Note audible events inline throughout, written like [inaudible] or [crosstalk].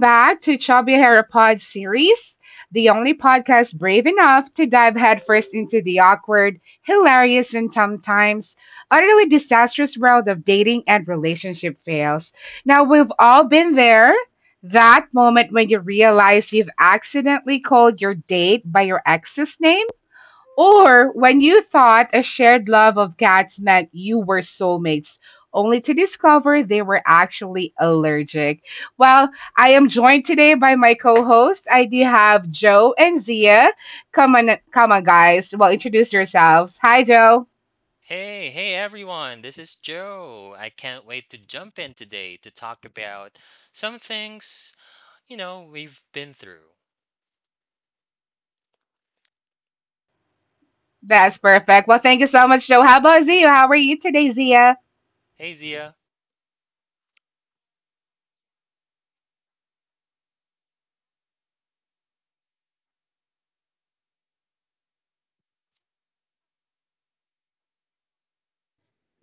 back to Chubby Hair Pod series, the only podcast brave enough to dive headfirst into the awkward, hilarious, and sometimes utterly disastrous world of dating and relationship fails. Now, we've all been there. That moment when you realize you've accidentally called your date by your ex's name or when you thought a shared love of cats meant you were soulmates, only to discover they were actually allergic. Well, I am joined today by my co-host. I do have Joe and Zia. Come on, come on, guys. Well, introduce yourselves. Hi, Joe. Hey, hey everyone, this is Joe. I can't wait to jump in today to talk about some things, we've been through. That's perfect. Well, thank you so much, Joe. How about Zia? How are you today, Zia? Hey Zia,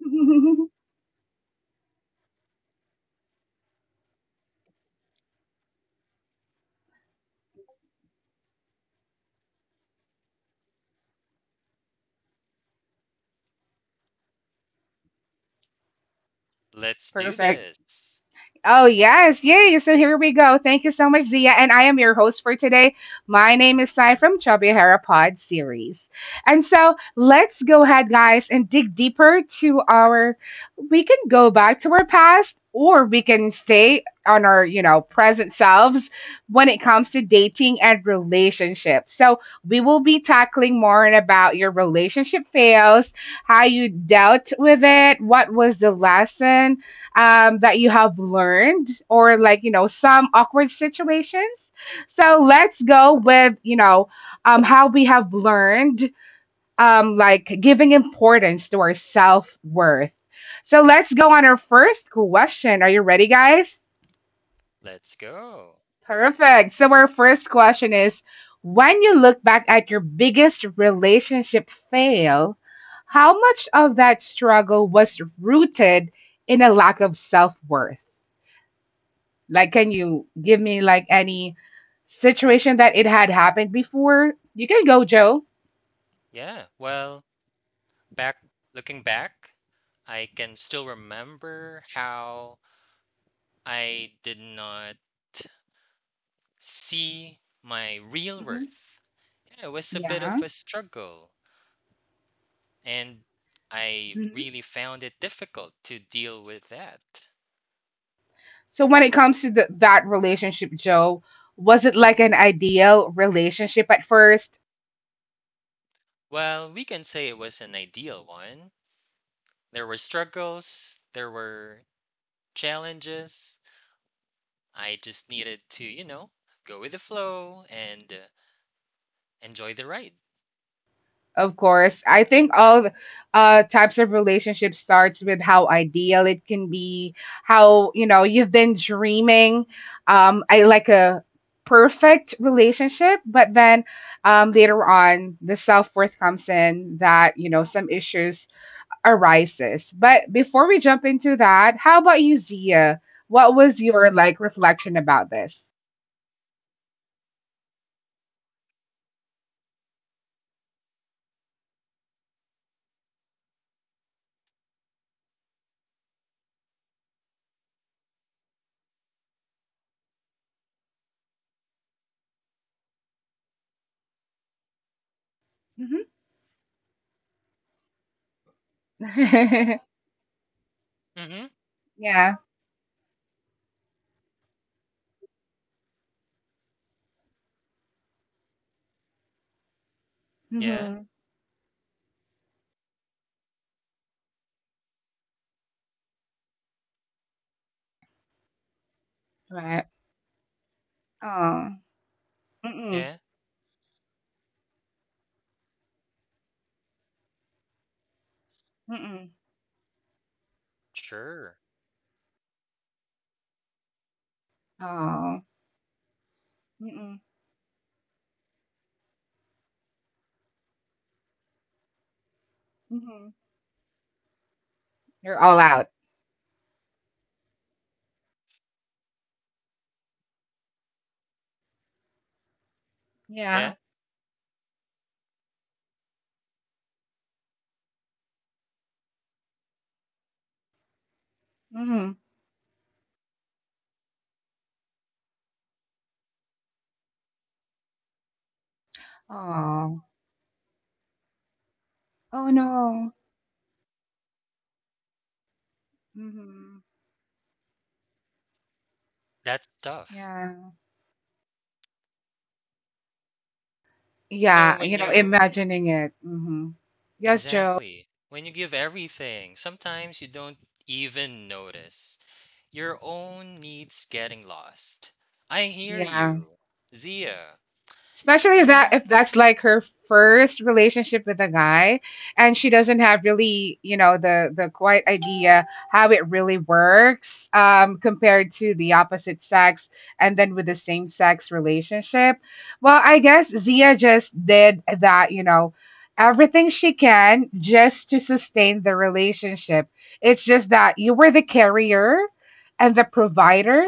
[laughs] let's do Perfect. this. Oh, yes. Yay. So here we go. Thank you so much, Zia. And I am your host for today. My name is Sai from Chubby Hair Pod series. And so let's go ahead, guys, and dig deeper to our. We can go back to our past or we can stay on our, present selves when it comes to dating and relationships. So we will be tackling more on about your relationship fails, how you dealt with it, what was the lesson, that you have learned or like, some awkward situations. So let's go with, how we have learned, like giving importance to our self worth. So let's go on our first question. Are you ready, guys? Let's go. Perfect. So our first question is, when you look back at your biggest relationship fail, how much of that struggle was rooted in a lack of self worth? Like, can you give me like any situation that it had happened before? You can go, Joe. Yeah, well, back looking back, I can still remember how I did not see my real Hmm. worth. Yeah, it was a bit Yeah. of a struggle, and I Hmm. really found it difficult to deal with that. So when it comes to that relationship, Joe, was it like an ideal relationship at first? Well, we can say it was an ideal one. There were struggles, there were challenges. I just needed to, go with the flow and enjoy the ride. Of course. I think all types of relationship starts with how ideal it can be, how, you've been dreaming, I like a perfect relationship, but then later on, the self-worth comes in that, some issues arises. But before we jump into that, how about you, Zia? What was your like reflection about this? Hmm. [laughs] Mm-hmm. Yeah. Yeah, Hmm. Right. Oh. yeah, Mm-mm. sure. Oh, mm-mm, mm-hmm. You're all out. Yeah. Yeah, Mm-hmm. Oh, oh no. Mm-hmm. that's tough. Yeah. You know, Yeah. when You know, you, imagining it. Mm-hmm. Yes, Joe. exactly, when you give everything, sometimes you don't even notice. Your own needs getting lost. I hear Yeah. you, Zia. Especially if You that know? if that's like her first relationship with a guy and she doesn't have really the quite idea how it really works compared to the opposite sex, and then with the same sex relationship, well, I guess Zia just did that, everything she can just to sustain the relationship. It's just that you were the carrier and the provider,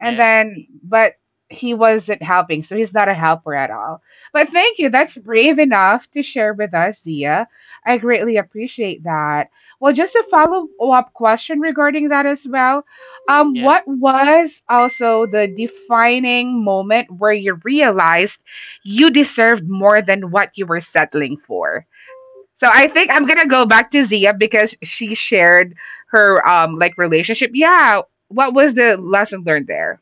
and Yeah, then but he wasn't helping, so he's not a helper at all. But thank you. That's brave enough to share with us, Zia. I greatly appreciate that. Well, just a follow up question regarding that as well. Yeah, What was also the defining moment where you realized you deserved more than what you were settling for? So I think I'm gonna go back to Zia because she shared her like relationship. Yeah, what was the lesson learned there?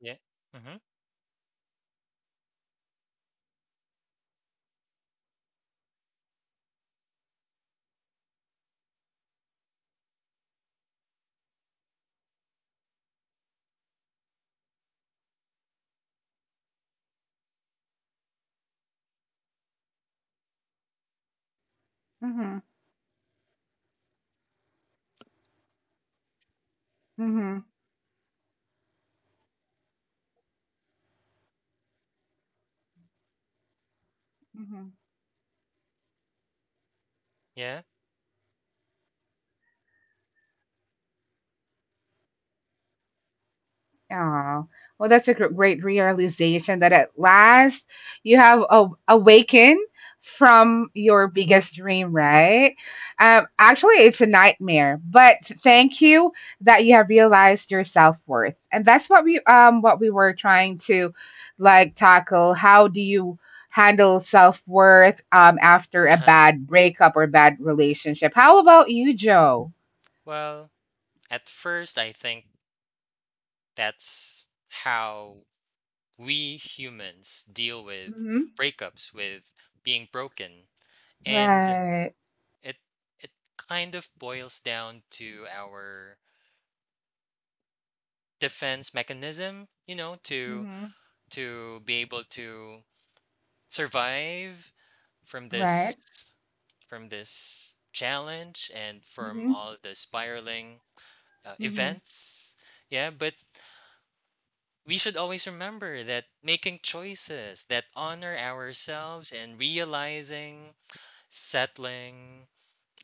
yeah. Mm-hmm. Mm-hmm. Mhm. Yeah. Oh, well, that's a great realization that at last you have awakened from your biggest dream, right? Actually, it's a nightmare, but thank you that you have realized your self worth, and that's what we were trying to like tackle. How do you handle self worth after a Uh-huh. bad breakup or bad relationship? How about you, Joe? Well, at first, I think that's how we humans deal with Hmm. breakups, with being broken, and Right. it it kind of boils down to our defense mechanism. You know, to Hmm. to be able to survive from this Right. from this challenge and from Mhm, all the spiraling mhm, events. Yeah, but we should always remember that making choices that honor ourselves and realizing settling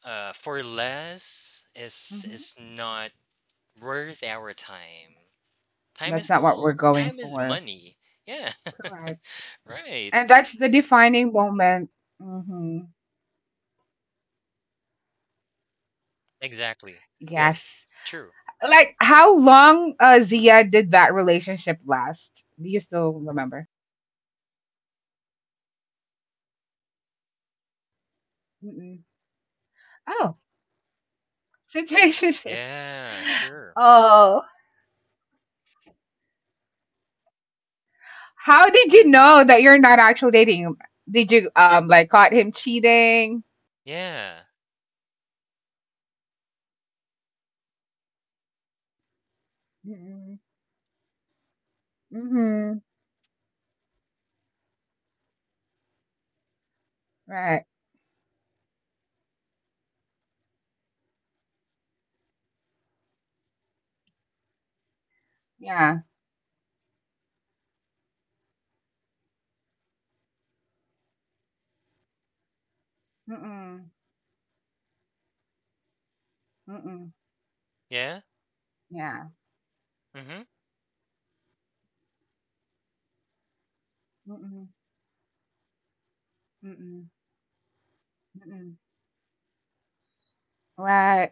for less is mhm. is not worth our time. Time That's is not what gold. we're going Time is for. money. Yeah. Correct. [laughs] Right. And that's the defining moment. Hmm. Exactly. Yes. Yes. True. Like, how long, Zia, did that relationship last? Do you still remember? Mm-mm. Oh, [laughs] situationship. Yeah, sure. Oh, how did you Mhm. know that you're not actually dating him? Did you, like, caught him cheating? Yeah. Mm-mm. Mm-hmm. Right. Yeah. Mm-mm. Mm-mm. Yeah. Yeah. Mhm. Mm-mm. Mm-mm. Mm-mm. Right.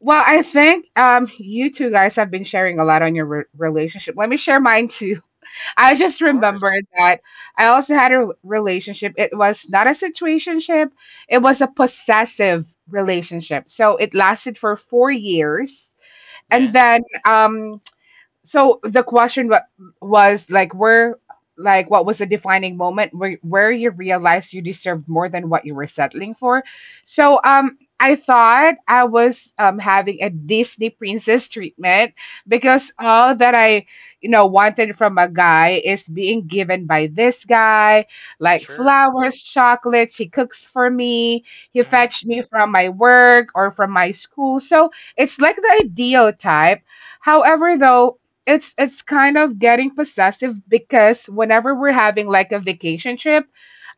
Well, I think you two guys have been sharing a lot on your relationship. Let me share mine too. [laughs] I just Of course. remembered that I also had a relationship. It was not a situationship, it was a possessive relationship. So it lasted for 4 years. And Yeah. then um, so the question was like, where, like, what was the defining moment where you realized you deserved more than what you were settling for? So I thought I was having a Disney princess treatment because all that I, wanted from a guy is being given by this guy, like Sure. flowers, chocolates. He cooks for me. He Mhm. fetched me from my work or from my school. So it's like the ideal type. However, though, it's kind of getting possessive because whenever we're having like a vacation trip,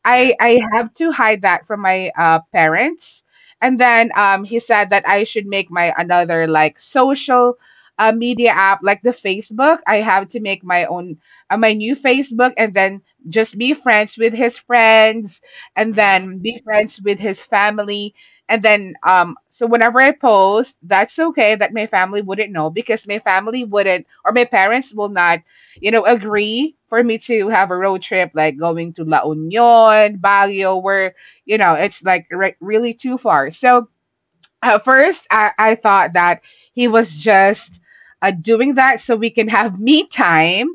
I Yeah. I have to hide that from my parents. And then he said that I should make my another like social media app, like the Facebook. I have to make my new Facebook, and then just be friends with his friends, and Mhm. then be friends with his family. And then, so whenever I post, that's okay that my family wouldn't know, because my family wouldn't, or my parents will not, agree for me to have a road trip like going to La Union, Baguio, where, it's like really too far. So at first, I thought that he was just doing that so we can have [laughs] me time.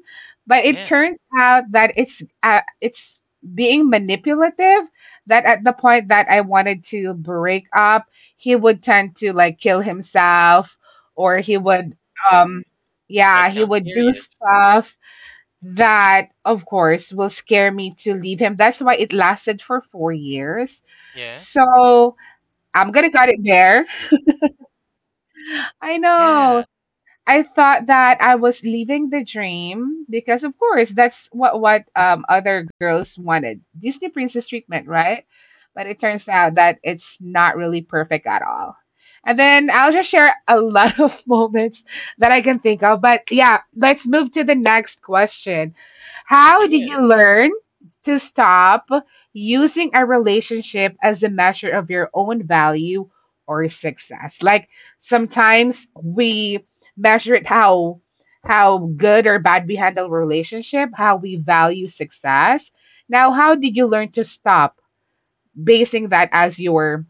But it Yeah. turns out that it's being manipulative, that at the point that I wanted to break up, he would tend to like kill himself, or he would, um yeah, That he sounds would do serious. stuff that of course will scare me to leave him. That's why it lasted for 4 years, Yeah. so I'm gonna cut it there. [laughs] I know. Yeah. I thought that I was leaving the dream because, of course, that's what other girls wanted, Disney princess treatment, right? But it turns out that it's not really perfect at all. And then I'll just share a lot [laughs] of moments that I can think of. But yeah, let's move to the next question. Let's do How did it. you learn to stop using a relationship as the measure of your own value or success? Like sometimes we measure it, how good or bad we handle relationship, how we value success. Now, how did you learn to stop basing that as your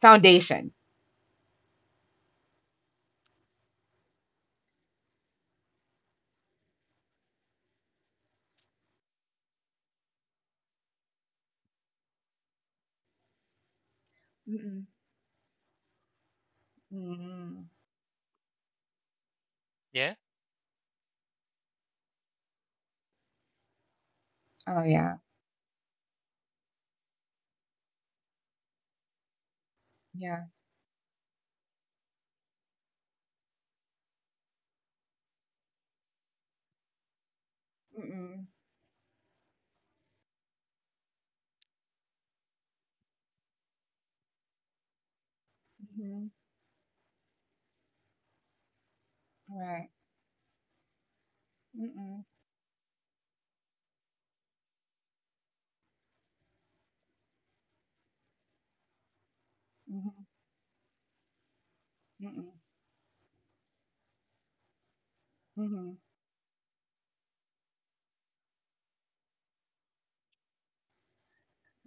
foundation? Mm-mm. Mm-mm. Yeah. Oh yeah, yeah. Mm-mm. Mhm. Right. Mm-mm. Mhm. Mm-mm. Mhm.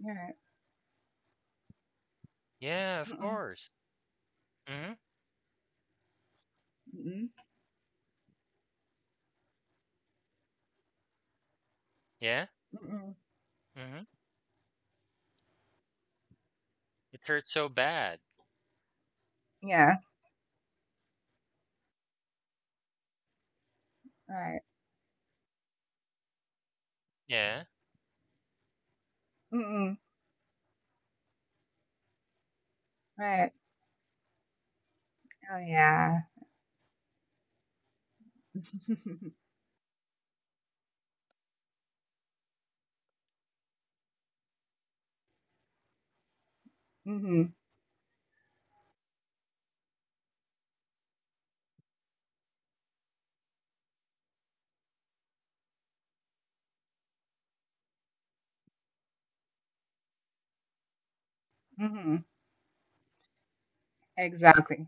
Right. Yeah. Of Mm-mm. course. Mhm. Mm-mm. Yeah. Mm-mm. Mhm. It hurts so bad. Yeah. Right. Yeah. Mm-mm. Right. Oh yeah. [laughs] Mhm. Mhm. Mhm. Exactly.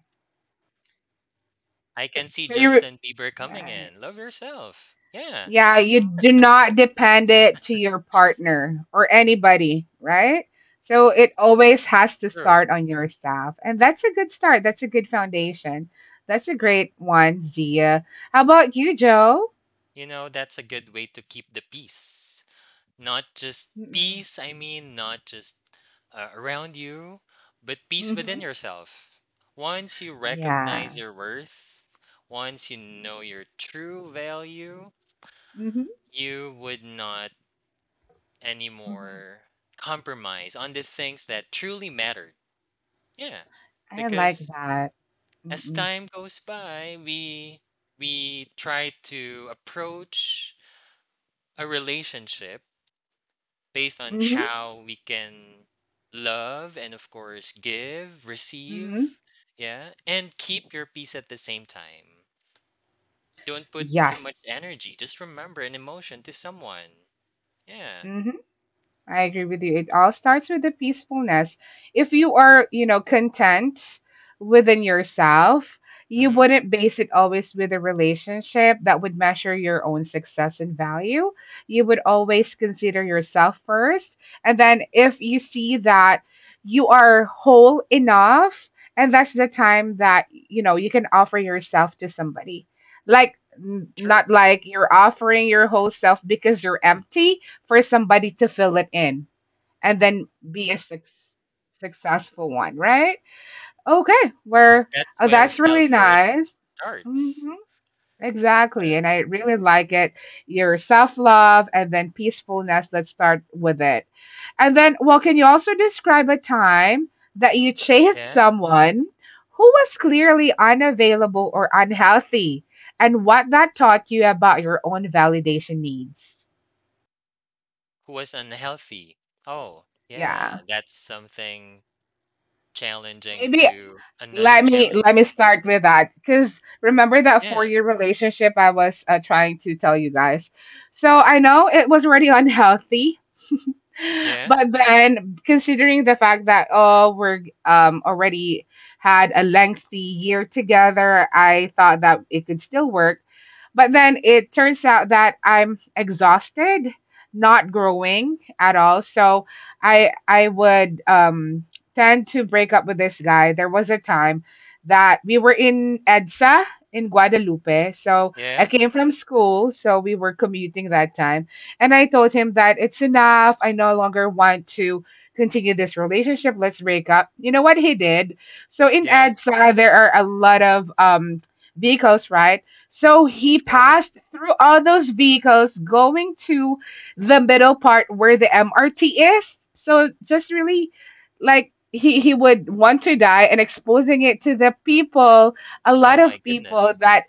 I So, can see so you. Re- Justin Bieber coming Right. in. Love yourself. Yeah. Yeah, you do not depend it to your partner or anybody, right? So it always has to True. start on yourself. And that's a good start. That's a good foundation. That's a great one, Zia. How about you, Joe? You know, that's a good way to keep the peace. Not just Mm-mm. peace, I mean, not just around you, but peace Mm-hmm. within yourself. Once you recognize Yeah. your worth, once you know your true value, Mm-hmm. you would not Hmm. anymore compromise on the things that truly mattered. Yeah, I like because that. as Mm-mm. time goes by, we try to approach a relationship based on Mm-hmm. how we can love and of course give Mm-hmm. receive, yeah, and keep your peace at the same time. Don't put too Yes. much energy, just remember an emotion to someone. Yeah. I agree with you. It all starts with the peacefulness. If you are, content within yourself, you Mm-hmm. wouldn't base it always with a relationship that would measure your own success and value. You would always consider yourself first. And then if you see that you are whole enough, and that's the time that, you can offer yourself to somebody. Like, n- True, not like you're offering your whole self because you're empty for somebody to fill it in and then be a successful one, right? Okay, where that's oh, where that's really self-worth nice. Hmm. starts. Exactly, Yeah. and I really like it. Your self love and then peacefulness. Let's start with it. And then, well, can you also describe a time that you chased Yeah, someone who was clearly unavailable or unhealthy, and what that taught you about your own validation needs? who was unhealthy. Oh yeah, Yeah. that's something challenging, Maybe to another Let me challenge let me to deal start with. with that, because remember that four Yeah, year relationship I was trying to tell you guys. So I know it was already unhealthy, yeah, but then considering the fact that oh, we're already had a lengthy year together, I thought that it could still work. But then it turns out that I'm exhausted, not growing at all. So I would tend to break up with this guy. There was a time that we were in EDSA in Guadalupe. So I yeah, came from school, so we were commuting that time. And I told him that it's enough. I no longer want to continue this relationship. Let's break up. You know what he did? So in yeah, EDSA, there are a lot of vehicles, right? So he of course. passed through all those vehicles going to the middle part where the MRT is. So just really like he would want to die and exposing it to the people, a Oh lot my of people goodness. that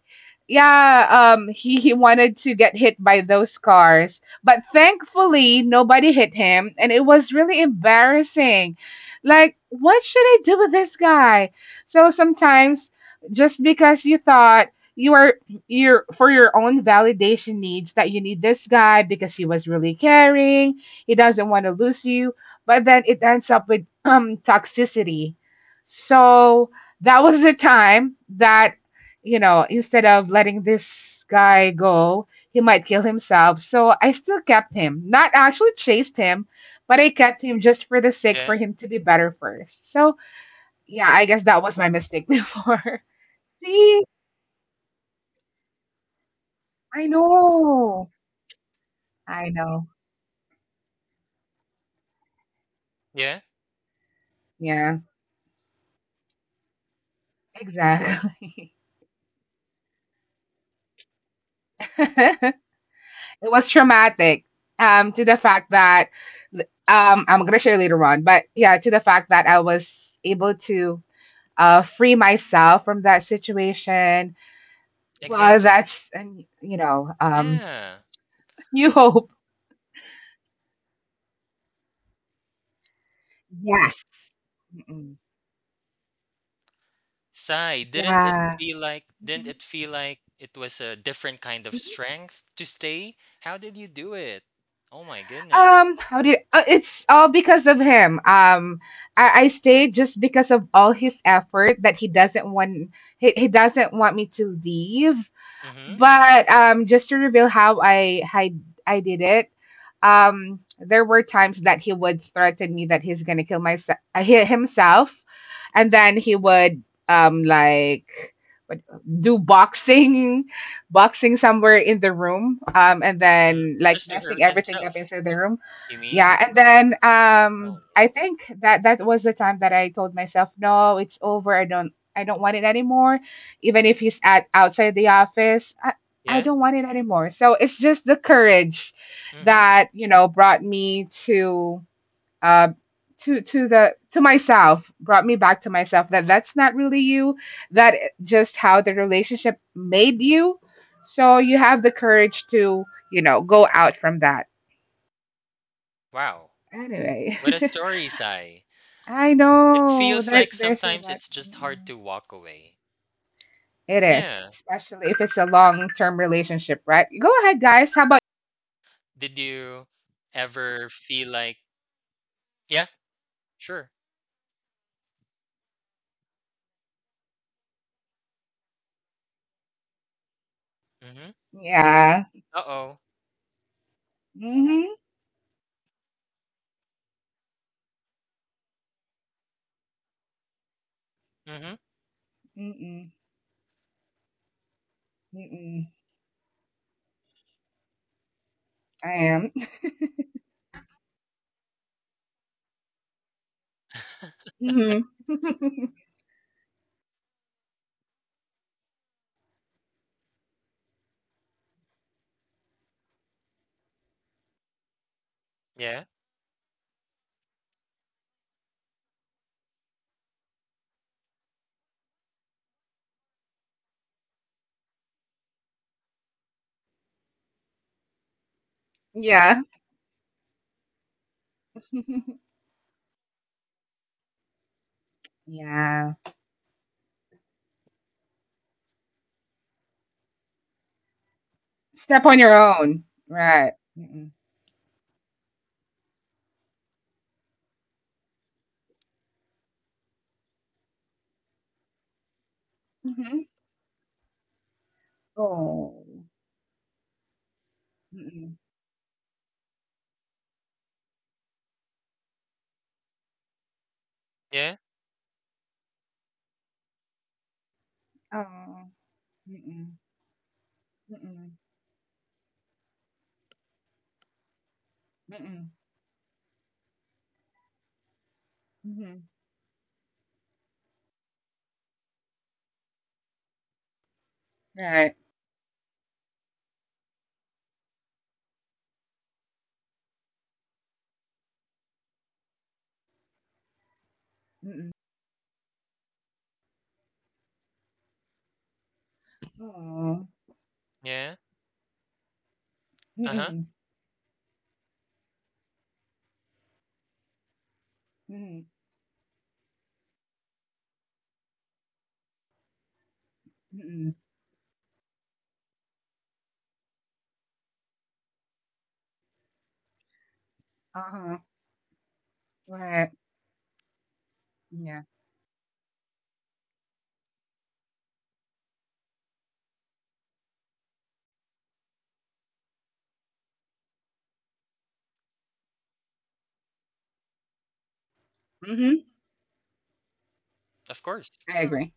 yeah, he wanted to get hit by those cars. But thankfully nobody hit him and it was really embarrassing. Like, what should I do with this guy? So sometimes just because you thought you are your for your own validation needs that you need this guy because he was really caring, he doesn't want to lose you, but then it ends up with toxicity. So that was the time that, instead of letting this guy go, he might kill himself, so I still kept him, not actually chased him, but I kept him just for the sake for Yeah, him to be better first. So yeah, I guess that was my mistake. [laughs] Before, see, i know I know. yeah, Yeah, exactly. [laughs] It was traumatic. To the fact that, I'm gonna share later on, but yeah, to the fact that I was able to free myself from that situation. Well, exactly. that's and Yeah. [laughs] new hope. Yes. Mm-mm. Sigh, Yeah. Didn't Mhm. it feel like it was a different kind of strength to stay? How did you do it? Oh my goodness. It's all because of him. I stay just because of all his effort that he doesn't want me to leave. Mm-hmm. But just to reveal how I did it. There were times that he would threaten me that he's gonna kill myself, himself, and then he would like what- do boxing somewhere in the room, and Hmm. then like Just to messing hurt everything up himself, inside the room. you mean? Yeah, and then Oh I no. think that that was the time that I told myself, no, it's over. I don't want it anymore. Even if he's at outside the office, I Yeah? don't want it anymore. So it's just the courage Mm-hmm. that brought me uh to the to myself brought me back to myself, that that's not really you, that just how the relationship made you, so you have the courage to go out from that, Wow. anyway. What a [laughs] story, Sai. I It know feels that like there's a sometimes lot. it's just hard Mm, to walk away. it is, Yeah. especially if it's a long-term relationship, right? Go ahead, guys. How about Did you ever feel like. Yeah, sure. Mm-hmm. yeah. Uh-oh. Mm-hmm. Mm-hmm. Mm-mm, mm-mm, I am. [laughs] Mm-hmm. [laughs] Yeah. Yeah. [laughs] Yeah. Step on your own. Right. Mm-mm. Mm-hmm. Oh. Mm-mm. Yeah. Oh. Mm-mm. Mm-mm. Mm-mm. Mm-hmm. Right. Mm-mm. Oh. Yeah. Uh-huh. Mm-mm. Mm-mm. Mm-mm. Uh-huh. Right. Yeah. Mm-hmm. Of course. I agree.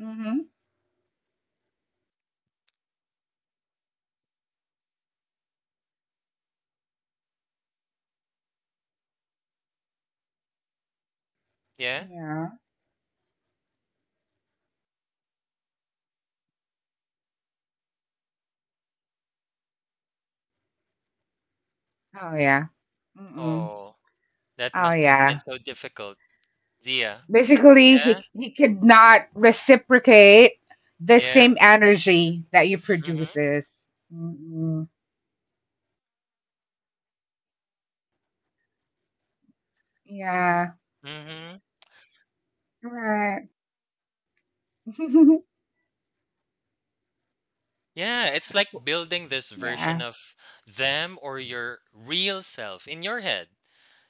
Mm-hmm. Yeah. Yeah. Oh, yeah. Mm-mm. Oh, that Oh, must have been yeah. so difficult, Zia. Basically, Yeah. he could not reciprocate the Yeah. same energy that you Mm-hmm. produces. Mm-mm. Yeah. Mm-hmm. Right. [laughs] Yeah. It's like building this version Yeah. of them or your real self in your head.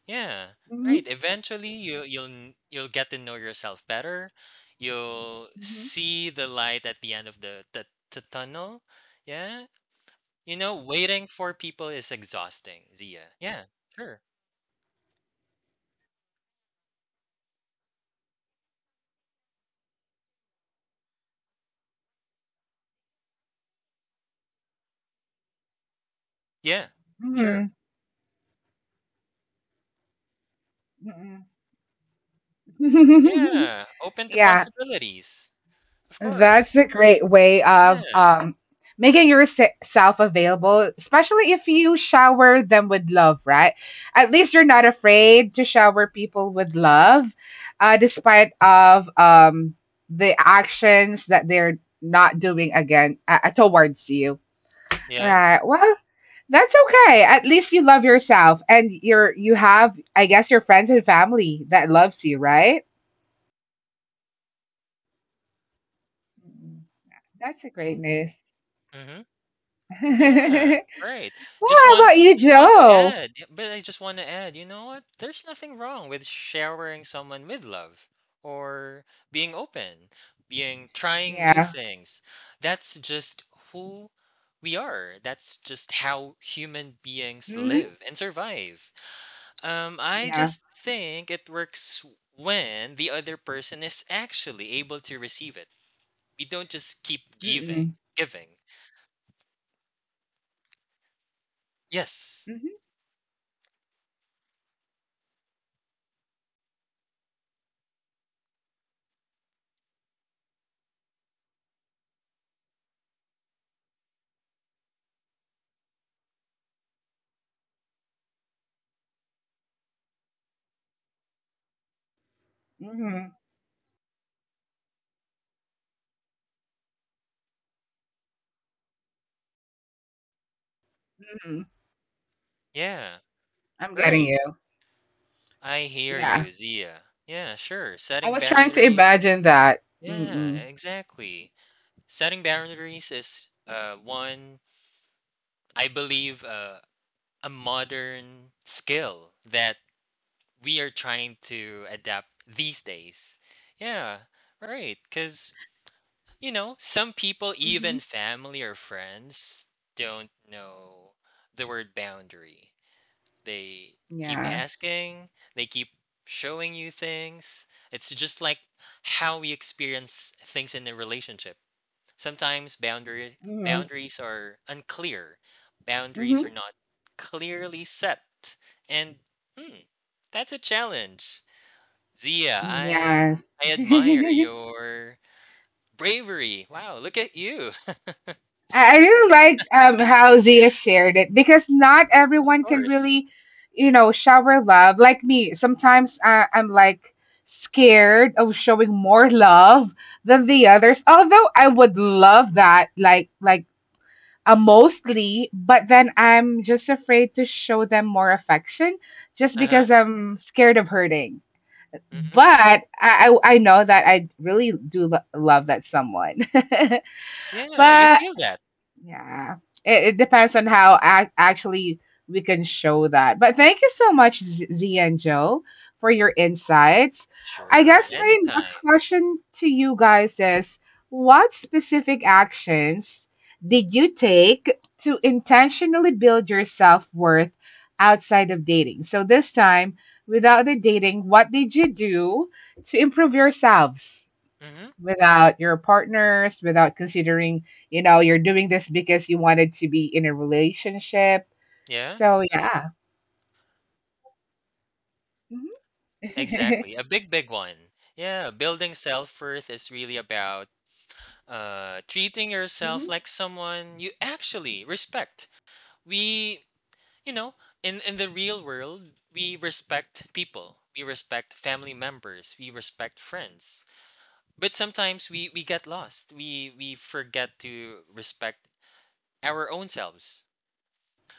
Yeah. Right. Mhm. Eventually you'll get to know yourself better. You'll Mhm. see the light at the end of the tunnel. Yeah. You know, waiting for people is exhausting, Zia. Yeah. Sure. Yeah. Sure. Mhm. [laughs] Yeah, open to Yeah, possibilities. Of course. that's a great way Yeah. of making yourself available, especially if you shower them with love, right? At least you're not afraid to shower people with love, despite of the actions that they're not doing again, towards you. Yeah. Right. Well, that's okay. At least you love yourself and you have, I guess, your friends and family that loves you, right? Mm. That's a great news. Mm-hmm. [laughs] Yeah. Well, Right. Just how want about you, just want to Joe? add, but I just want to add, you know what? There's nothing wrong with showering someone with love or being open, being trying new Yeah. things. That's just who we are. That's just how human beings Hmm. live and survive. I Yeah. just think it works when the other person is actually able to receive it. We don't just keep giving, Mm-mm. giving. Yes. Mm-hmm. Mm-hmm. Hmm. Yeah. I'm getting Right. you. I hear Yeah. you, Zia. Yeah, sure. I Setting was trying to boundaries. imagine that. Yeah, Mm-mm. exactly. Setting boundaries is one, I believe, a modern skill that we are trying to adapt these days. Yeah, right. Cuz, you know, some people, Mm-hmm. even family or friends, don't know the word boundary. They keep Yes. asking, they keep showing you things. It's just like how we experience things in a relationship. Sometimes boundary Mm-hmm. boundaries are unclear. Mm-hmm. Boundaries are not clearly set. And hmm, that's a challenge. Zia, I Yes. I [laughs] admire your bravery. Wow, look at you. [laughs] I really like, how Zia shared it because not everyone can Course. really, you know, shower love. Like me, sometimes I'm like scared of showing more love than the others. Although I would love that, like mostly, but then I'm just afraid to show them more affection, just Uh-huh. because I'm scared of hurting. But Mhm. I know that I really do love that someone. [laughs] Yeah, you But feel that. yeah, it depends on how actually we can show that. But thank you so much, Z Z and Joe, for your insights. I Sure, guess my next anytime. question to you guys is what specific actions did you take to intentionally build your self worth outside of dating? So this time, without the dating, what did you do to improve yourselves? Mhm. Without your partners, without considering, you know, you're doing this because you wanted to be in a relationship. Yeah, So yeah. Hmm. exactly. A big, big one. Yeah, building self-worth is really about treating Hmm. yourself like someone you actually respect. We, you know, in the real world, we respect people. We respect family members, we respect friends. But sometimes we get lost. We forget to respect our own selves.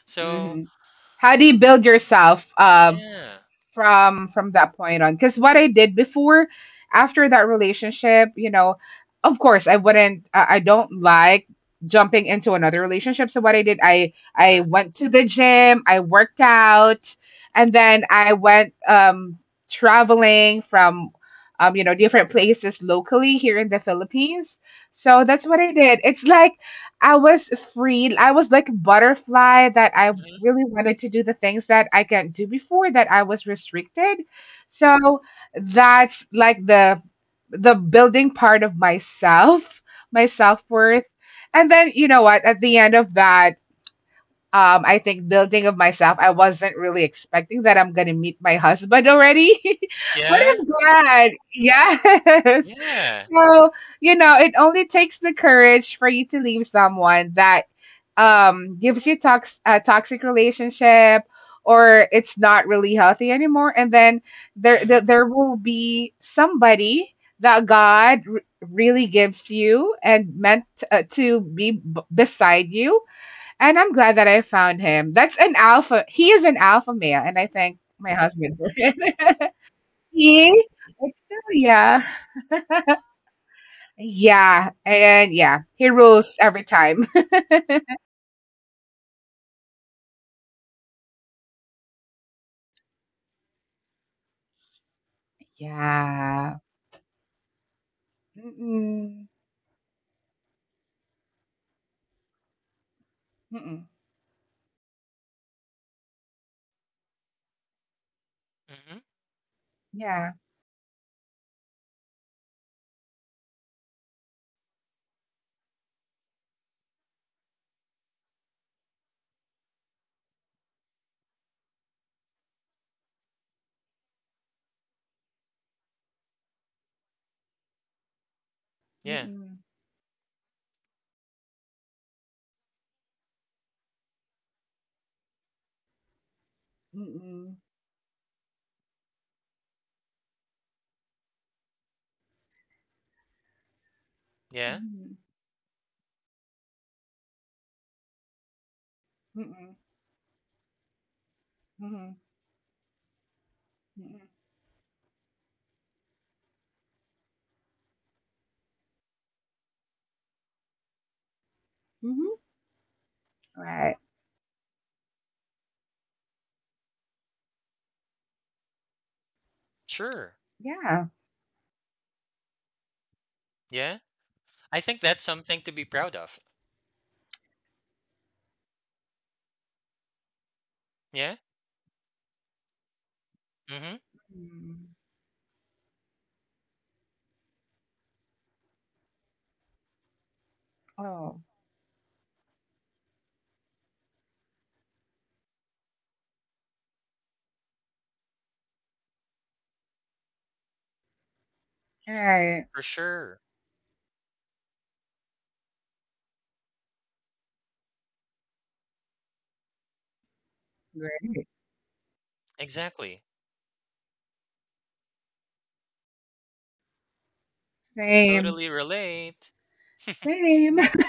So, Hmm. [laughs] How do you build yourself? Um, yeah, from from that point on because what I did before after that relationship, you know, of course I wouldn't I don't like jumping into another relationship. So what I did, I sure. went to the gym, I worked out, and then I went traveling from, you know, different places locally here in the Philippines. So that's what I did. It's like I was free, I was like a butterfly, that I Mhm. really wanted to do the things that I can't do before, that I was restricted. So that's like the building part of myself, my self-worth. And then, you know what, at the end of that, I think building of myself, I wasn't really expecting that I'm gonna meet my husband already. [laughs] But Yeah, I'm glad. Yes. [laughs] yeah. So, you know, it only takes the courage for you to leave someone that gives you a toxic relationship, or it's not really healthy anymore, and then there there, Mhm, there will be somebody that God really gives you and meant, to be beside you. And I'm glad that I found him. That's an alpha. He is an alpha male, and I thank my husband for it. [laughs] He, it's still, yeah, yeah, and yeah, he rules every time. [laughs] Yeah. Mm-mm. Mm-mm. mhm. Yeah. Yeah, Mm, mm, mm, yeah. mm, mm, mm. Mhm. Right. Sure. Yeah. Yeah. I think that's something to be proud of. Yeah. Mhm. Mm. Oh, right. For sure. Great. Exactly. Same. Totally relate. Same. [laughs]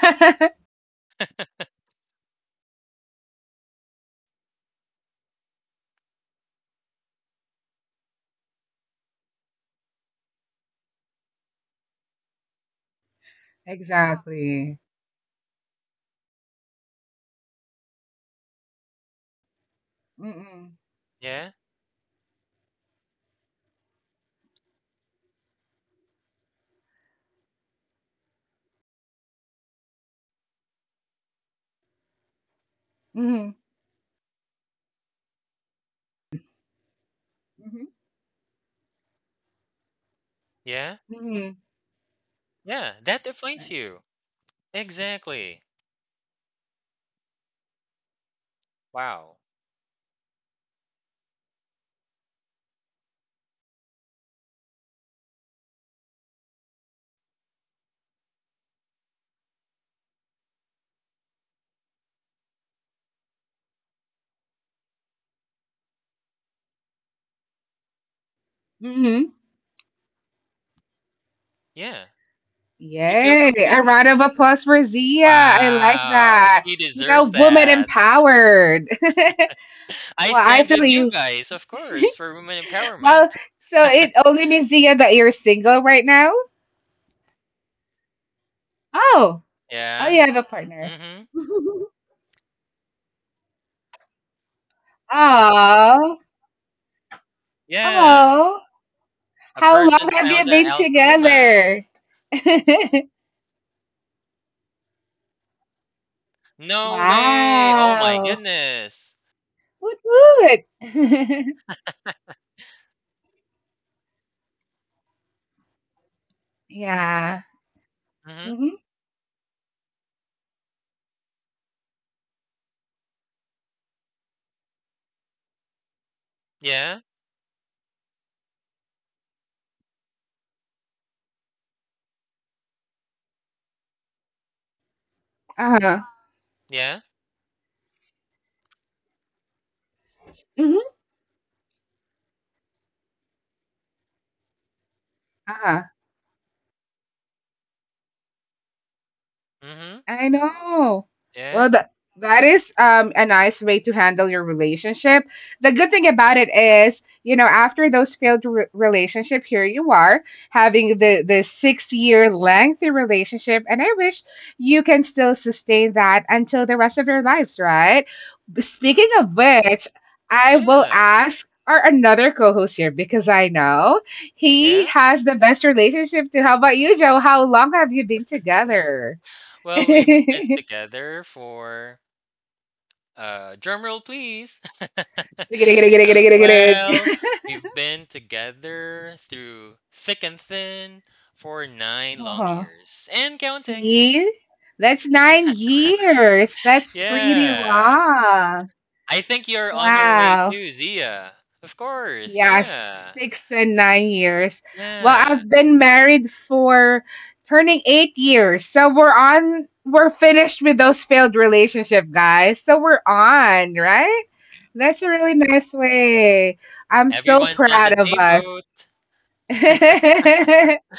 Exactly. Mm-mm. Yeah. Mm-hmm. Mm-hmm. Yeah. Mm-hmm. Yeah. That defines you. Exactly. Wow. Mm-hmm. Yeah. You feel Yay. complete. A round of applause for Zia. I like Wow. that. She You know, deserves woman that. empowered. [laughs] [laughs] I Well, I stand feel with you you. guys, of course, for women Well, empowerment. so it only means, Zia, that you're single right now? Oh. Oh, Yeah. you have a partner. Mhm. [laughs] Oh, Yeah. oh. A How long person have you found a been alpha woman. together? [laughs] No way! Oh my Wow. goodness. Woot woot. [laughs] Yeah. Mhm. Mm-hmm. Yeah. Uh-huh. Yeah. Mm-hmm. Uh-huh. Mhm. I know. Well, Yeah. that is, a nice way to handle your relationship. The good thing about it is, you know, after those failed relationship, here you are having the 6-year lengthy relationship, and I wish you can still sustain that until the rest of your lives, right? Speaking of which, I will Yeah. ask our another co-host here because I know he Yeah. has the best relationship too. How about you, Joe? How long have you been together? [laughs] Well, we've been together for drum roll please. [laughs] Well, we've been together through thick and thin for 9 long Uh-huh. years and counting. See, that's 9 years. That's pretty Yeah. long. I think you're on your way Wow. too, Zia. Of course. Yes, Yeah. 6 to 9 years. Well, Yeah. I've been married for turning 8 years. So we're on, we're finished with those failed relationship, guys. So we're on, right? That's a really nice way. I'm so Everyone's on the proud of same us. boat. [laughs]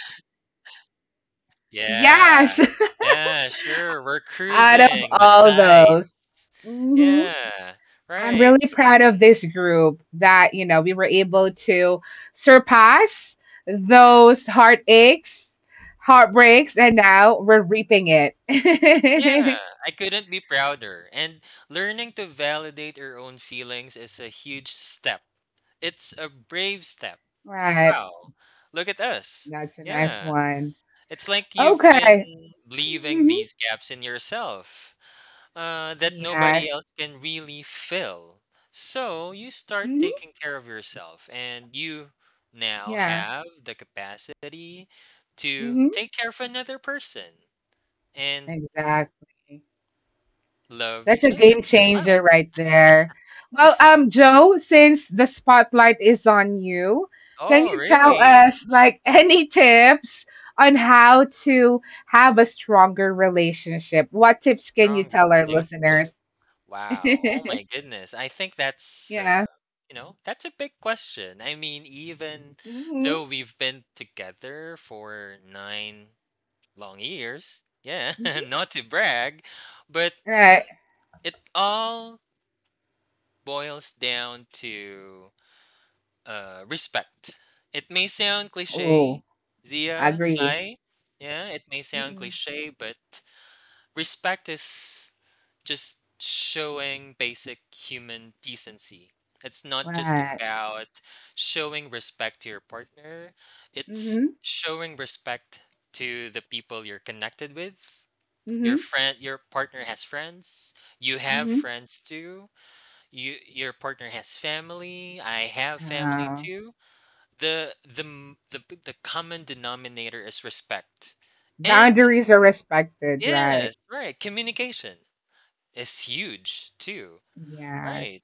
Yeah. Yes. [laughs] Yeah, sure. We're Out of cruising the all those, tides. hmm, Yeah. I'm Right. really proud of this group that, you know, we were able to surpass those heartaches, heartbreaks, and now we're reaping it. Yeah. [laughs] I couldn't be prouder. And learning to validate your own feelings is a huge step. It's a brave step. Right. Wow. Look at us. That's a nice Yeah. one. It's like you've been Okay. leaving Hmm. these gaps in yourself, that nobody Yes. else can really fill. So you start Hmm. taking care of yourself, and you now Yeah. have the capacity to Hmm. take care of another person and Exactly. love That's each a other. game Wow. changer right there. Well, Joe, since the spotlight is on you, can Oh, you tell really? us, like, [laughs] any tips on how to have a stronger relationship? What tips can you Stronger tell our listeners? relationship. Wow. Oh, my [laughs] goodness. I think that's. Yeah. That's a big question. I mean, even Mm-hmm. though we've been together for 9 long ears. Yeah, [laughs] Mm-hmm. not to brag, but Right. it all boils down to respect. It may sound cliche, Oh, I Zia, agree. Sai. Yeah, it may sound Mm-mm. cliche, but respect is just showing basic human decency. It's not just Right. about showing respect to your partner, Mm-hmm. it's showing respect to the people you're connected with. Your Mm-hmm. friend, your partner has friends. You have Mm-hmm. friends too. Your partner has family. I have family Uh, too. The m- the p- the common denominator is respect. And boundaries are respected, right? yes, right, communication is huge too. Yes. Right.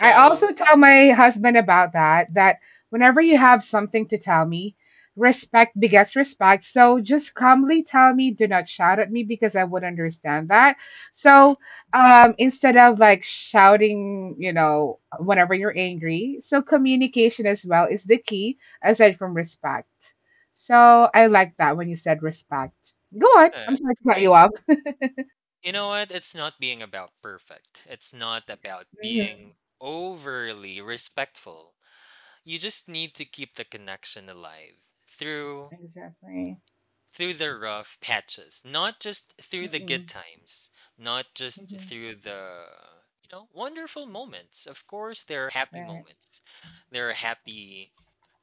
I also tell my husband about that, that whenever you have something to tell me, respect begets respect. So just calmly tell me, do not shout at me, because I would understand that. mhm, So instead of like shouting, you know, whenever you're angry, so communication as well is the key aside from respect. So I like that when you said respect. Go on. I'm yeah, sorry to cut right. you off. You know what? It's not being about perfect. It's not about Hmm. being overly respectful. You just need to keep the connection alive through Exactly. through the rough patches, not just through the good Mm-mm. times, not just Hmm. through the, you know, wonderful moments. Of course, there are happy Right. moments, there are happy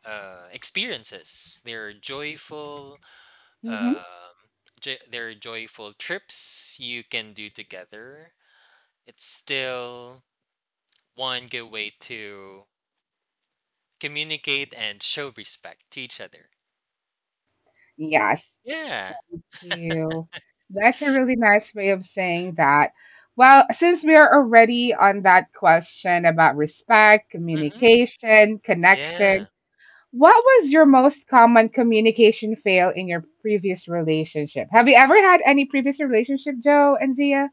experiences, there are joyful, Hmm. um there are joyful trips you can do together. It's still one good way to communicate and show respect to each other. Yes. Yeah. You. That's a really nice way of saying that. Well, since we are already on that question about respect, Hmm. communication, connection, Yeah. what was your most common communication fail in your previous relationship? Have you ever had any previous relationship, Joe and Zia,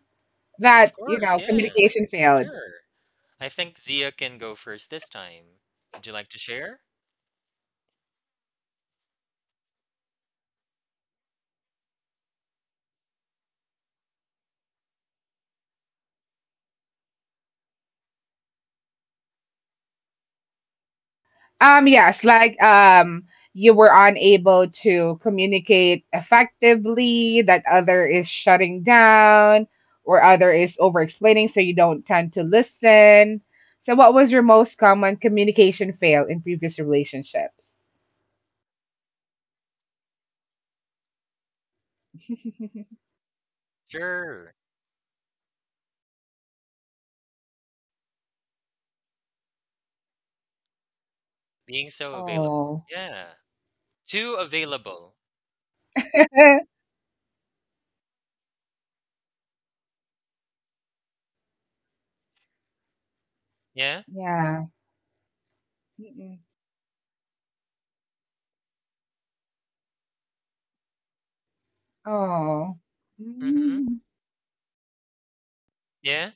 Of that, you course. know, Yeah. communication failed? Sure. I think Zia can go first this time. Would you like to share? Yes, like, you were unable to communicate effectively, that other is shutting down or other is over explaining, so you don't tend to listen. So, what was your most common communication fail in previous relationships? [laughs] Sure. Being so available. Oh, Yeah. Too available. [laughs] Yeah. yeah. Mm-mm. Oh. Mm-hmm. Mm. Yeah.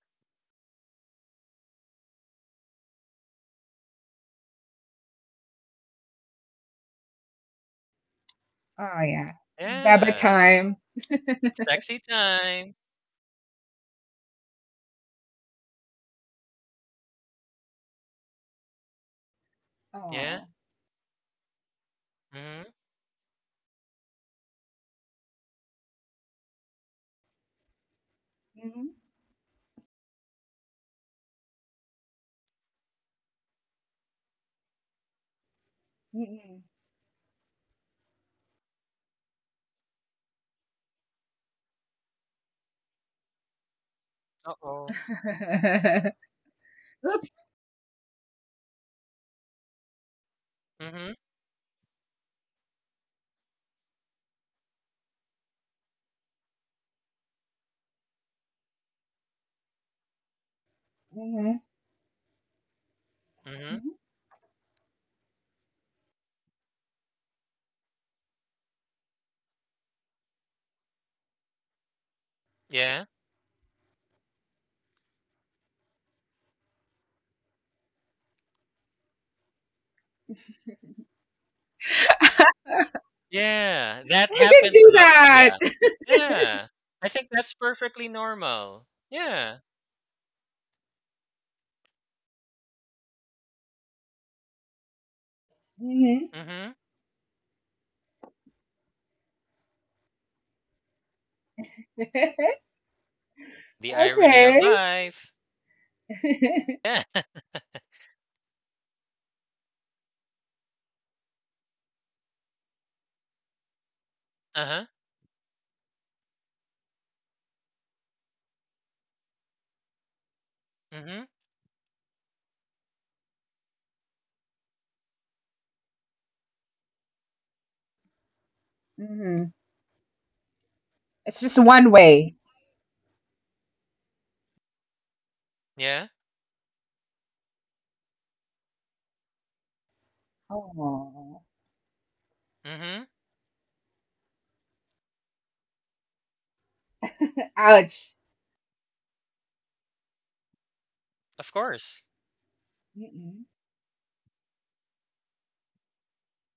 Oh, yeah. Daba Yeah. time. Sexy time. Yeah. Oh. Mm-hmm. Mm-hmm. Uh-oh. [laughs] Oops. Mm-hmm. Mhm. Mm-hmm. Yeah. Yeah. That We can happens do a lot, that? Zia. Yeah. I think that's perfectly normal. Yeah. Hmm. Mm-hmm. [laughs] The irony of Okay. life. [laughs] Yeah. [laughs] Uh-huh. Mm-hmm. Hmm. It's just one way. Yeah. Oh, Mm-hmm. ouch. Of course. Mm-mm.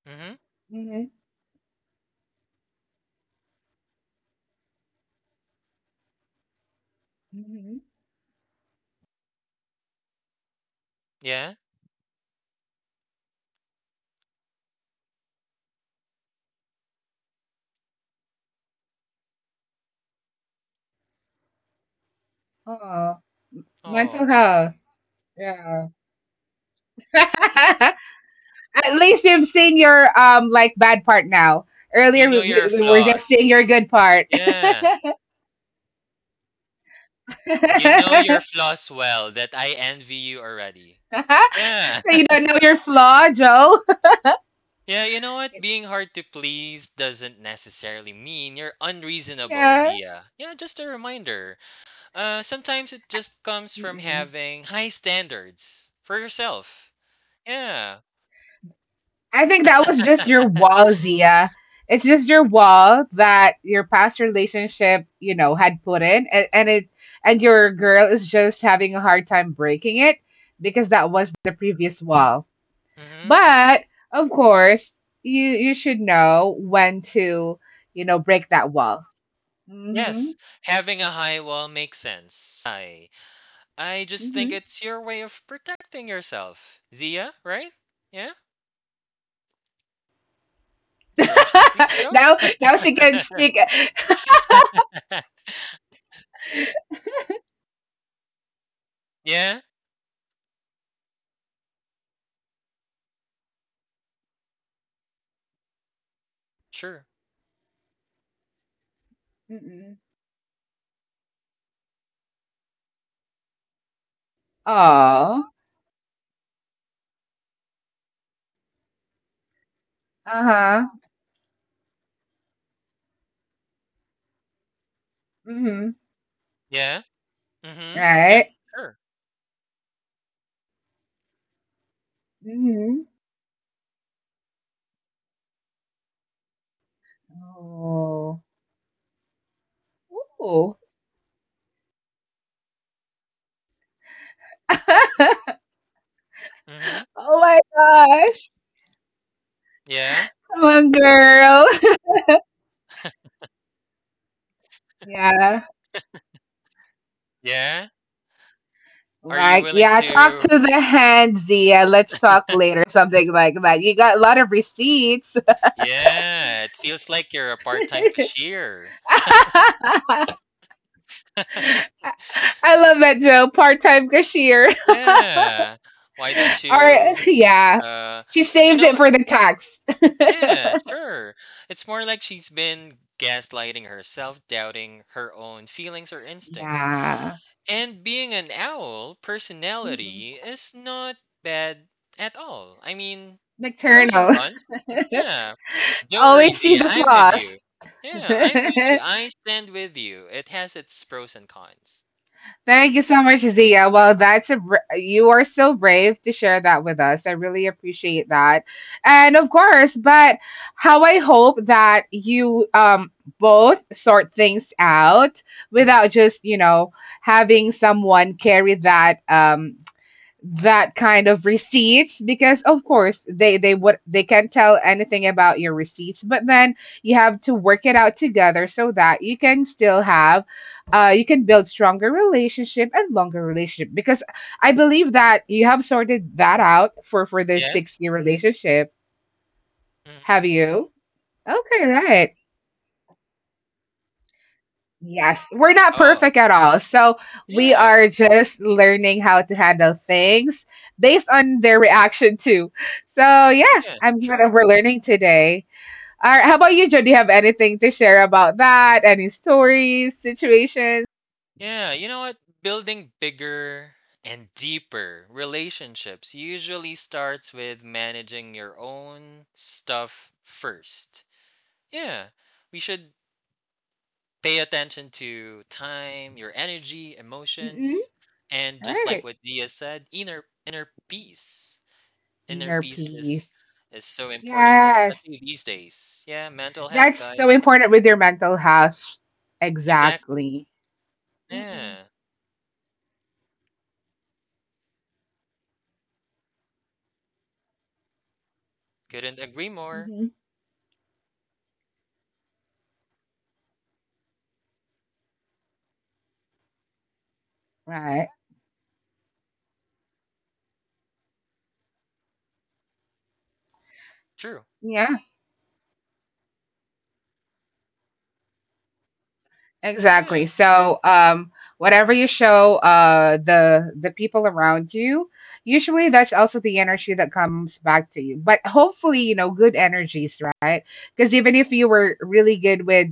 Mm-hmm. Hmm. Hmm. Yeah? Oh, mental Oh, health. Yeah. [laughs] At least we've seen your, like, bad part now. Earlier you know we, your we were flaws. just seeing your good part. Yeah. [laughs] You know So your flaws well that I envy you already. Yeah. [laughs] you don't know your flaw, Joe. Yeah, you know what? Being hard to please doesn't necessarily mean you're unreasonable, [laughs] Zia. Yeah, just a reminder. Sometimes it just comes from Yeah. having high standards for yourself. Yeah. I think that was just your wall, Zia. It's just your wall that your past relationship, you know, had put in, and, it, and your girl is just having a hard time breaking it because that was the previous wall. Mm-hmm. But of course, you should know when to, you know, break that wall. Mm-hmm. Yes, having a high wall makes sense, Sai. I just think it's your way of protecting yourself, Zia, right? Yeah? Don't you Mm-hmm. think [laughs] so? Now she can speak. [laughs] Yeah, sure. Mm-mm. Oh. Uh huh. Mm-hmm. Yeah. Mhm. Yeah, Right. sure. Mm-hmm. Oh. Ooh. [laughs] Mhm. Oh my gosh. Yeah. Come on, girl. [laughs] Yeah. Yeah. Are you Like, willing yeah, talk to. to the hand, Zia. Let's talk later. Something like that. You got a lot of receipts. Yeah, it feels like you're a part-time cashier. [laughs] I love that, Joe. Part time cashier. Yeah. Why don't [laughs] All right. you, Yeah. uh, She you saves it know for the tax. [laughs] yeah, sure. It's more like she's been gaslighting herself, doubting her own feelings or instincts. Yeah. And being an owl Mm-mm. personality is not bad at all. I mean, pros and Nocturnal. cons. [laughs] Yeah. Don't worry, Always see Zia. the I'm with flaws. you. Yeah, I'm with you. [laughs] I stand with you. It has its pros and cons. Thank you so much, Zia. Well, that's a you are so brave to share that with us. I really appreciate that, and of course, but how I hope that you both sort things out without just having someone carry that that kind of receipts because of course they would they can tell anything about your receipts, but then you have to work it out together so that you can still have you can build stronger relationship and longer relationship, because I believe that you have sorted that out for this Yeah? 6-year relationship, Hmm. have you? Okay. Right. Yes, we're not Oh, perfect at all. So we yeah. are just learning how to handle things based on their reaction too. So yeah, Yeah, I'm glad sure. that we're learning today. All right, how about you, Joe? Do you have anything to share about that? Any stories, situations? Yeah, you know what? Building bigger and deeper relationships usually starts with managing your own stuff first. Yeah, we should pay attention to time, your energy, Mm-mm. emotions, and All just like right, what Dia said, inner peace. Inner inner peace peace. is so important, Yes, especially these days. Yeah, mental health, that's guys. so important with your mental health. Exactly. Exactly. Mm-mm. Yeah. Couldn't agree more. Hmm. Right. True. Yeah. Yeah. Exactly. So, whatever you show the people around you, usually that's also the energy that comes back to you. But hopefully, you know, good energies, right? Because even if you were really good with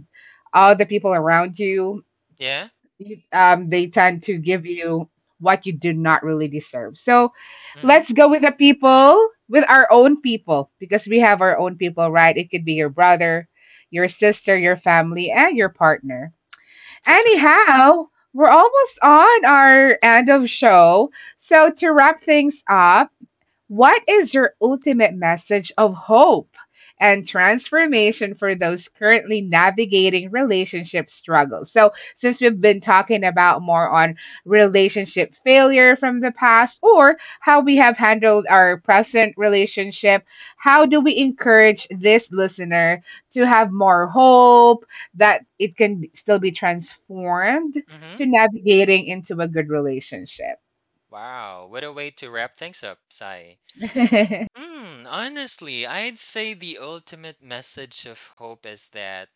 all the people around you, Yeah. They tend to give you what you do not really deserve. So, Mm-hmm. let's go with the people, with our own people, because we have our own people, right? It could be your brother, your sister, your family, and your partner. For sure. Anyhow, we're almost on our end of show. So to wrap things up, what is your ultimate message of hope and transformation for those currently navigating relationship struggles? So, since we've been talking about more on relationship failure from the past or how we have handled our present relationship, how do we encourage this listener to have more hope that it can still be transformed Mm-hmm. to navigating into a good relationship? Wow, what a way to wrap things up, Sai. [laughs] Hmm, honestly, I'd say the ultimate message of hope is that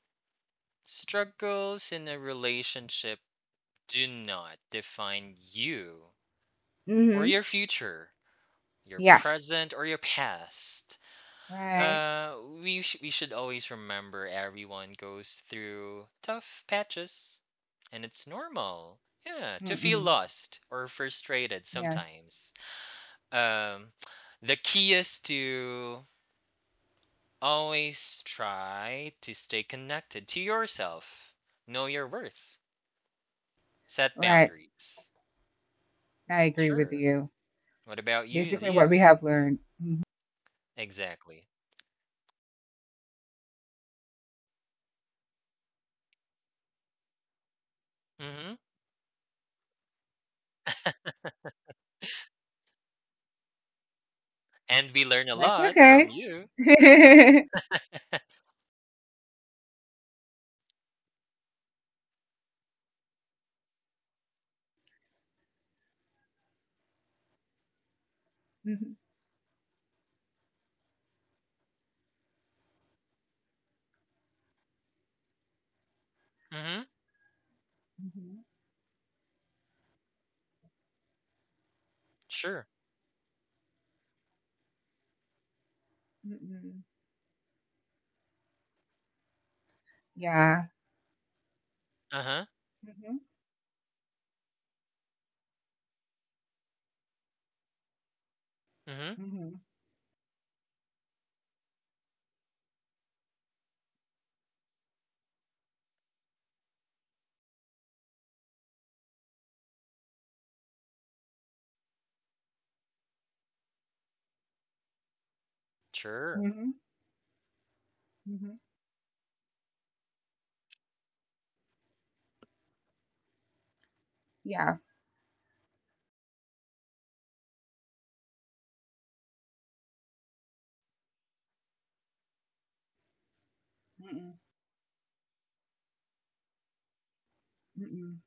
struggles in a relationship do not define you or Hmm. your future, your Yes. present or your past. Right. Uh, we should always remember everyone goes through tough patches, and it's normal. Yeah, to feel Mm-mm. lost or frustrated Yes. sometimes. Um, [tsk] the key is to always try to stay connected to yourself, know your worth, set Right. boundaries. I agree with Sure. you. What about you, Basically, what we Zia? have learned. Mhm. Exactly. Mm-hmm. And we learn a That's lot okay. from you. [laughs] [laughs] Mhm. Mm-hmm. Mhm. Sure. Mm-mm. Yeah. Uh-huh. Mm-hmm. Mm-hmm. Mm-hmm. Sure. Mm-hmm. Mm-hmm. Yeah. Mm-mm. Mm-mm.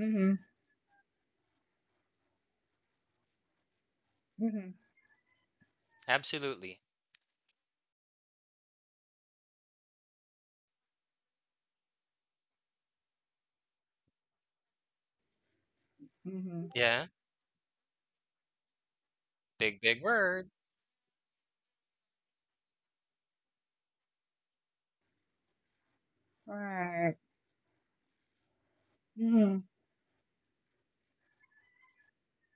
Mm-hmm. Mm-hmm. Absolutely. Mm-hmm. Yeah. Big, big word. Right. Mm-hmm.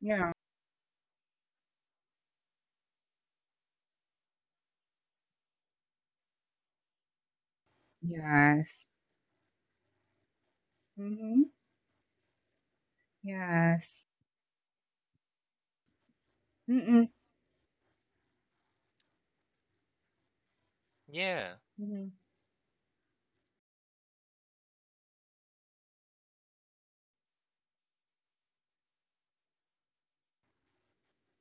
Yeah. Yes. Mm-hmm. Yes. Mm-mm. Yeah. Mm-hmm.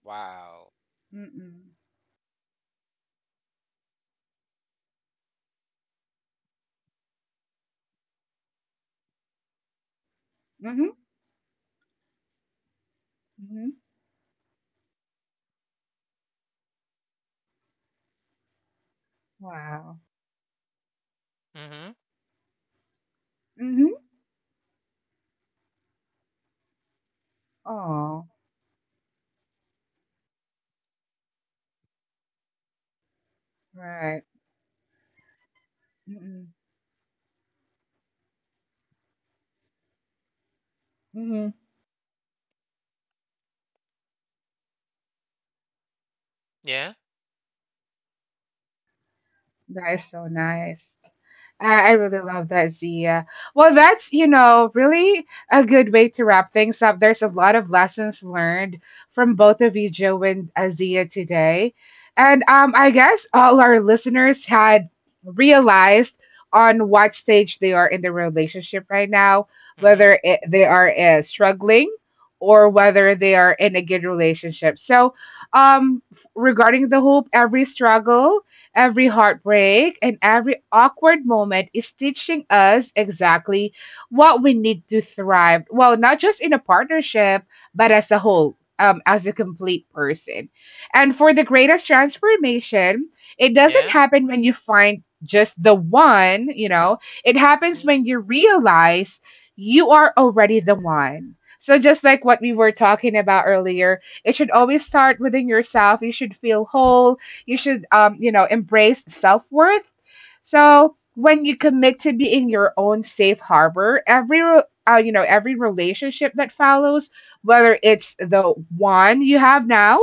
Wow. Mm-mm. Mm-hmm. Mm-hmm. Wow. Mm-hmm. Mm-hmm. Oh. Right. Mm. Mm. Hmm. Yeah. That is so nice. I really love that, Zia. Well, that's, you know, really a good way to wrap things up. There's a lot of lessons learned from both of you, Joe and Zia, today. And I guess all our listeners had realized on what stage they are in the relationship right now, Mm-hmm. whether they are struggling or whether they are in a good relationship. So, um, regarding the hope, every struggle every heartbreak and every awkward moment is teaching us exactly what we need to thrive. Well, not just in a partnership, but as a whole, as a complete person. And for the greatest transformation, it doesn't Yeah. happen when you find just the one, you know, it happens Mm-hmm. when you realize you are already the one. So, just like what we were talking about earlier, it should always start within yourself. You should feel whole, you should, you know, embrace self worth. So when you commit to being your own safe harbor, every you know, every relationship that follows, whether it's the one you have now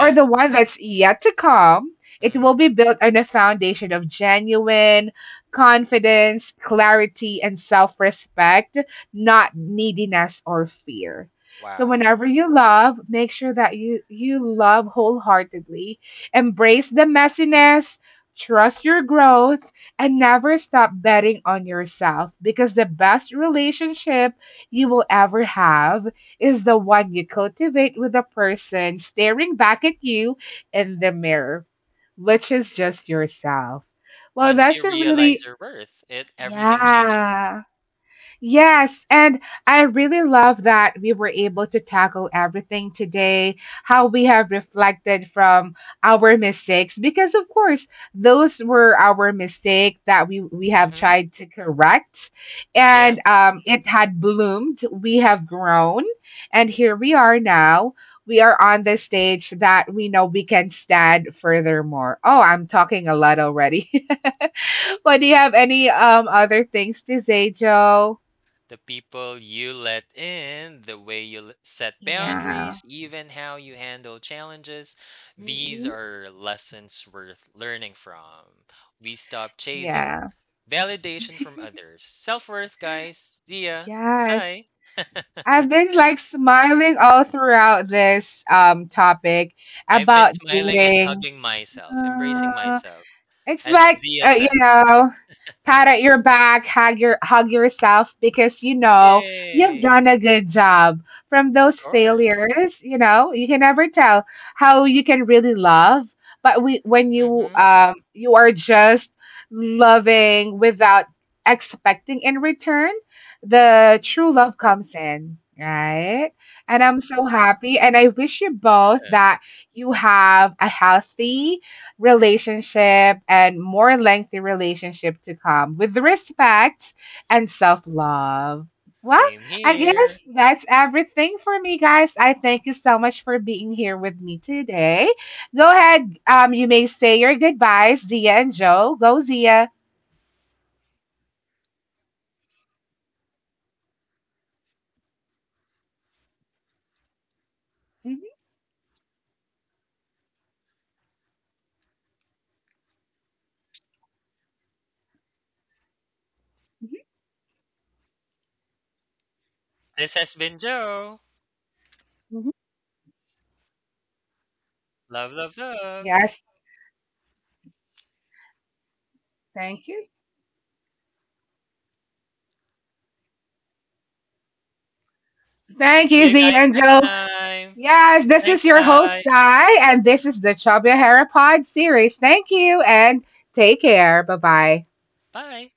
or the one that's yet to come, it Mm-hmm. will be built on a foundation of genuine confidence, clarity, and self respect, not neediness or fear. So Wow. whenever you love, make sure that you love wholeheartedly. Embrace the messiness, trust your growth, and never stop betting on yourself, because the best relationship you will ever have is the one you cultivate with a person staring back at you in the mirror, which is just yourself. Well, Once that's you a realize really, your worth, it everything changes. yeah. Yes, and I really love that we were able to tackle everything today, how we have reflected from our mistakes, because of course, those were our mistake that we have Mm-hmm. tried to correct, Yeah. and it had bloomed, we have grown, and here we are now. We are on the stage that we know we can stand furthermore. Oh, I'm talking a lot already. [laughs] But do you have any other things to say, Joe? The people you let in, the way you set Yeah. boundaries, even how you handle challenges, these Hmm. are lessons worth learning from. We stop chasing Yeah. validation from [laughs] others. Self worth, guys. See ya. Yes. Sai. [laughs] I've been like smiling all throughout this topic I've been about smiling and dating. hugging myself, embracing Uh, myself, it's as like Zia you said. know, pat at your back, hug your hug yourself because you know you've Yay! done a good job. From those Of course. failures, you know you can never tell how you can really love. But when you Mm-hmm. You are just loving without expecting in return, the true love comes in, right? And I'm so happy, and I wish you both Yeah. that you have a healthy relationship and more lengthy relationship to come with respect and self love. Well, Same I guess here. that's everything for me, guys. I thank you so much for being here with me today. Go ahead. You may say your goodbyes, Zia and Joe. Go, Zia. Mhm, mhm, This has been Joe. mhm. Love, love, love. Yes, thank you. Thank See you, you Zia guys and next Joe. time. Yes, this Thanks, is your host, guys. Sai, and this is the Chubby Hara Pod series. Thank you and take care. Bye bye. Bye.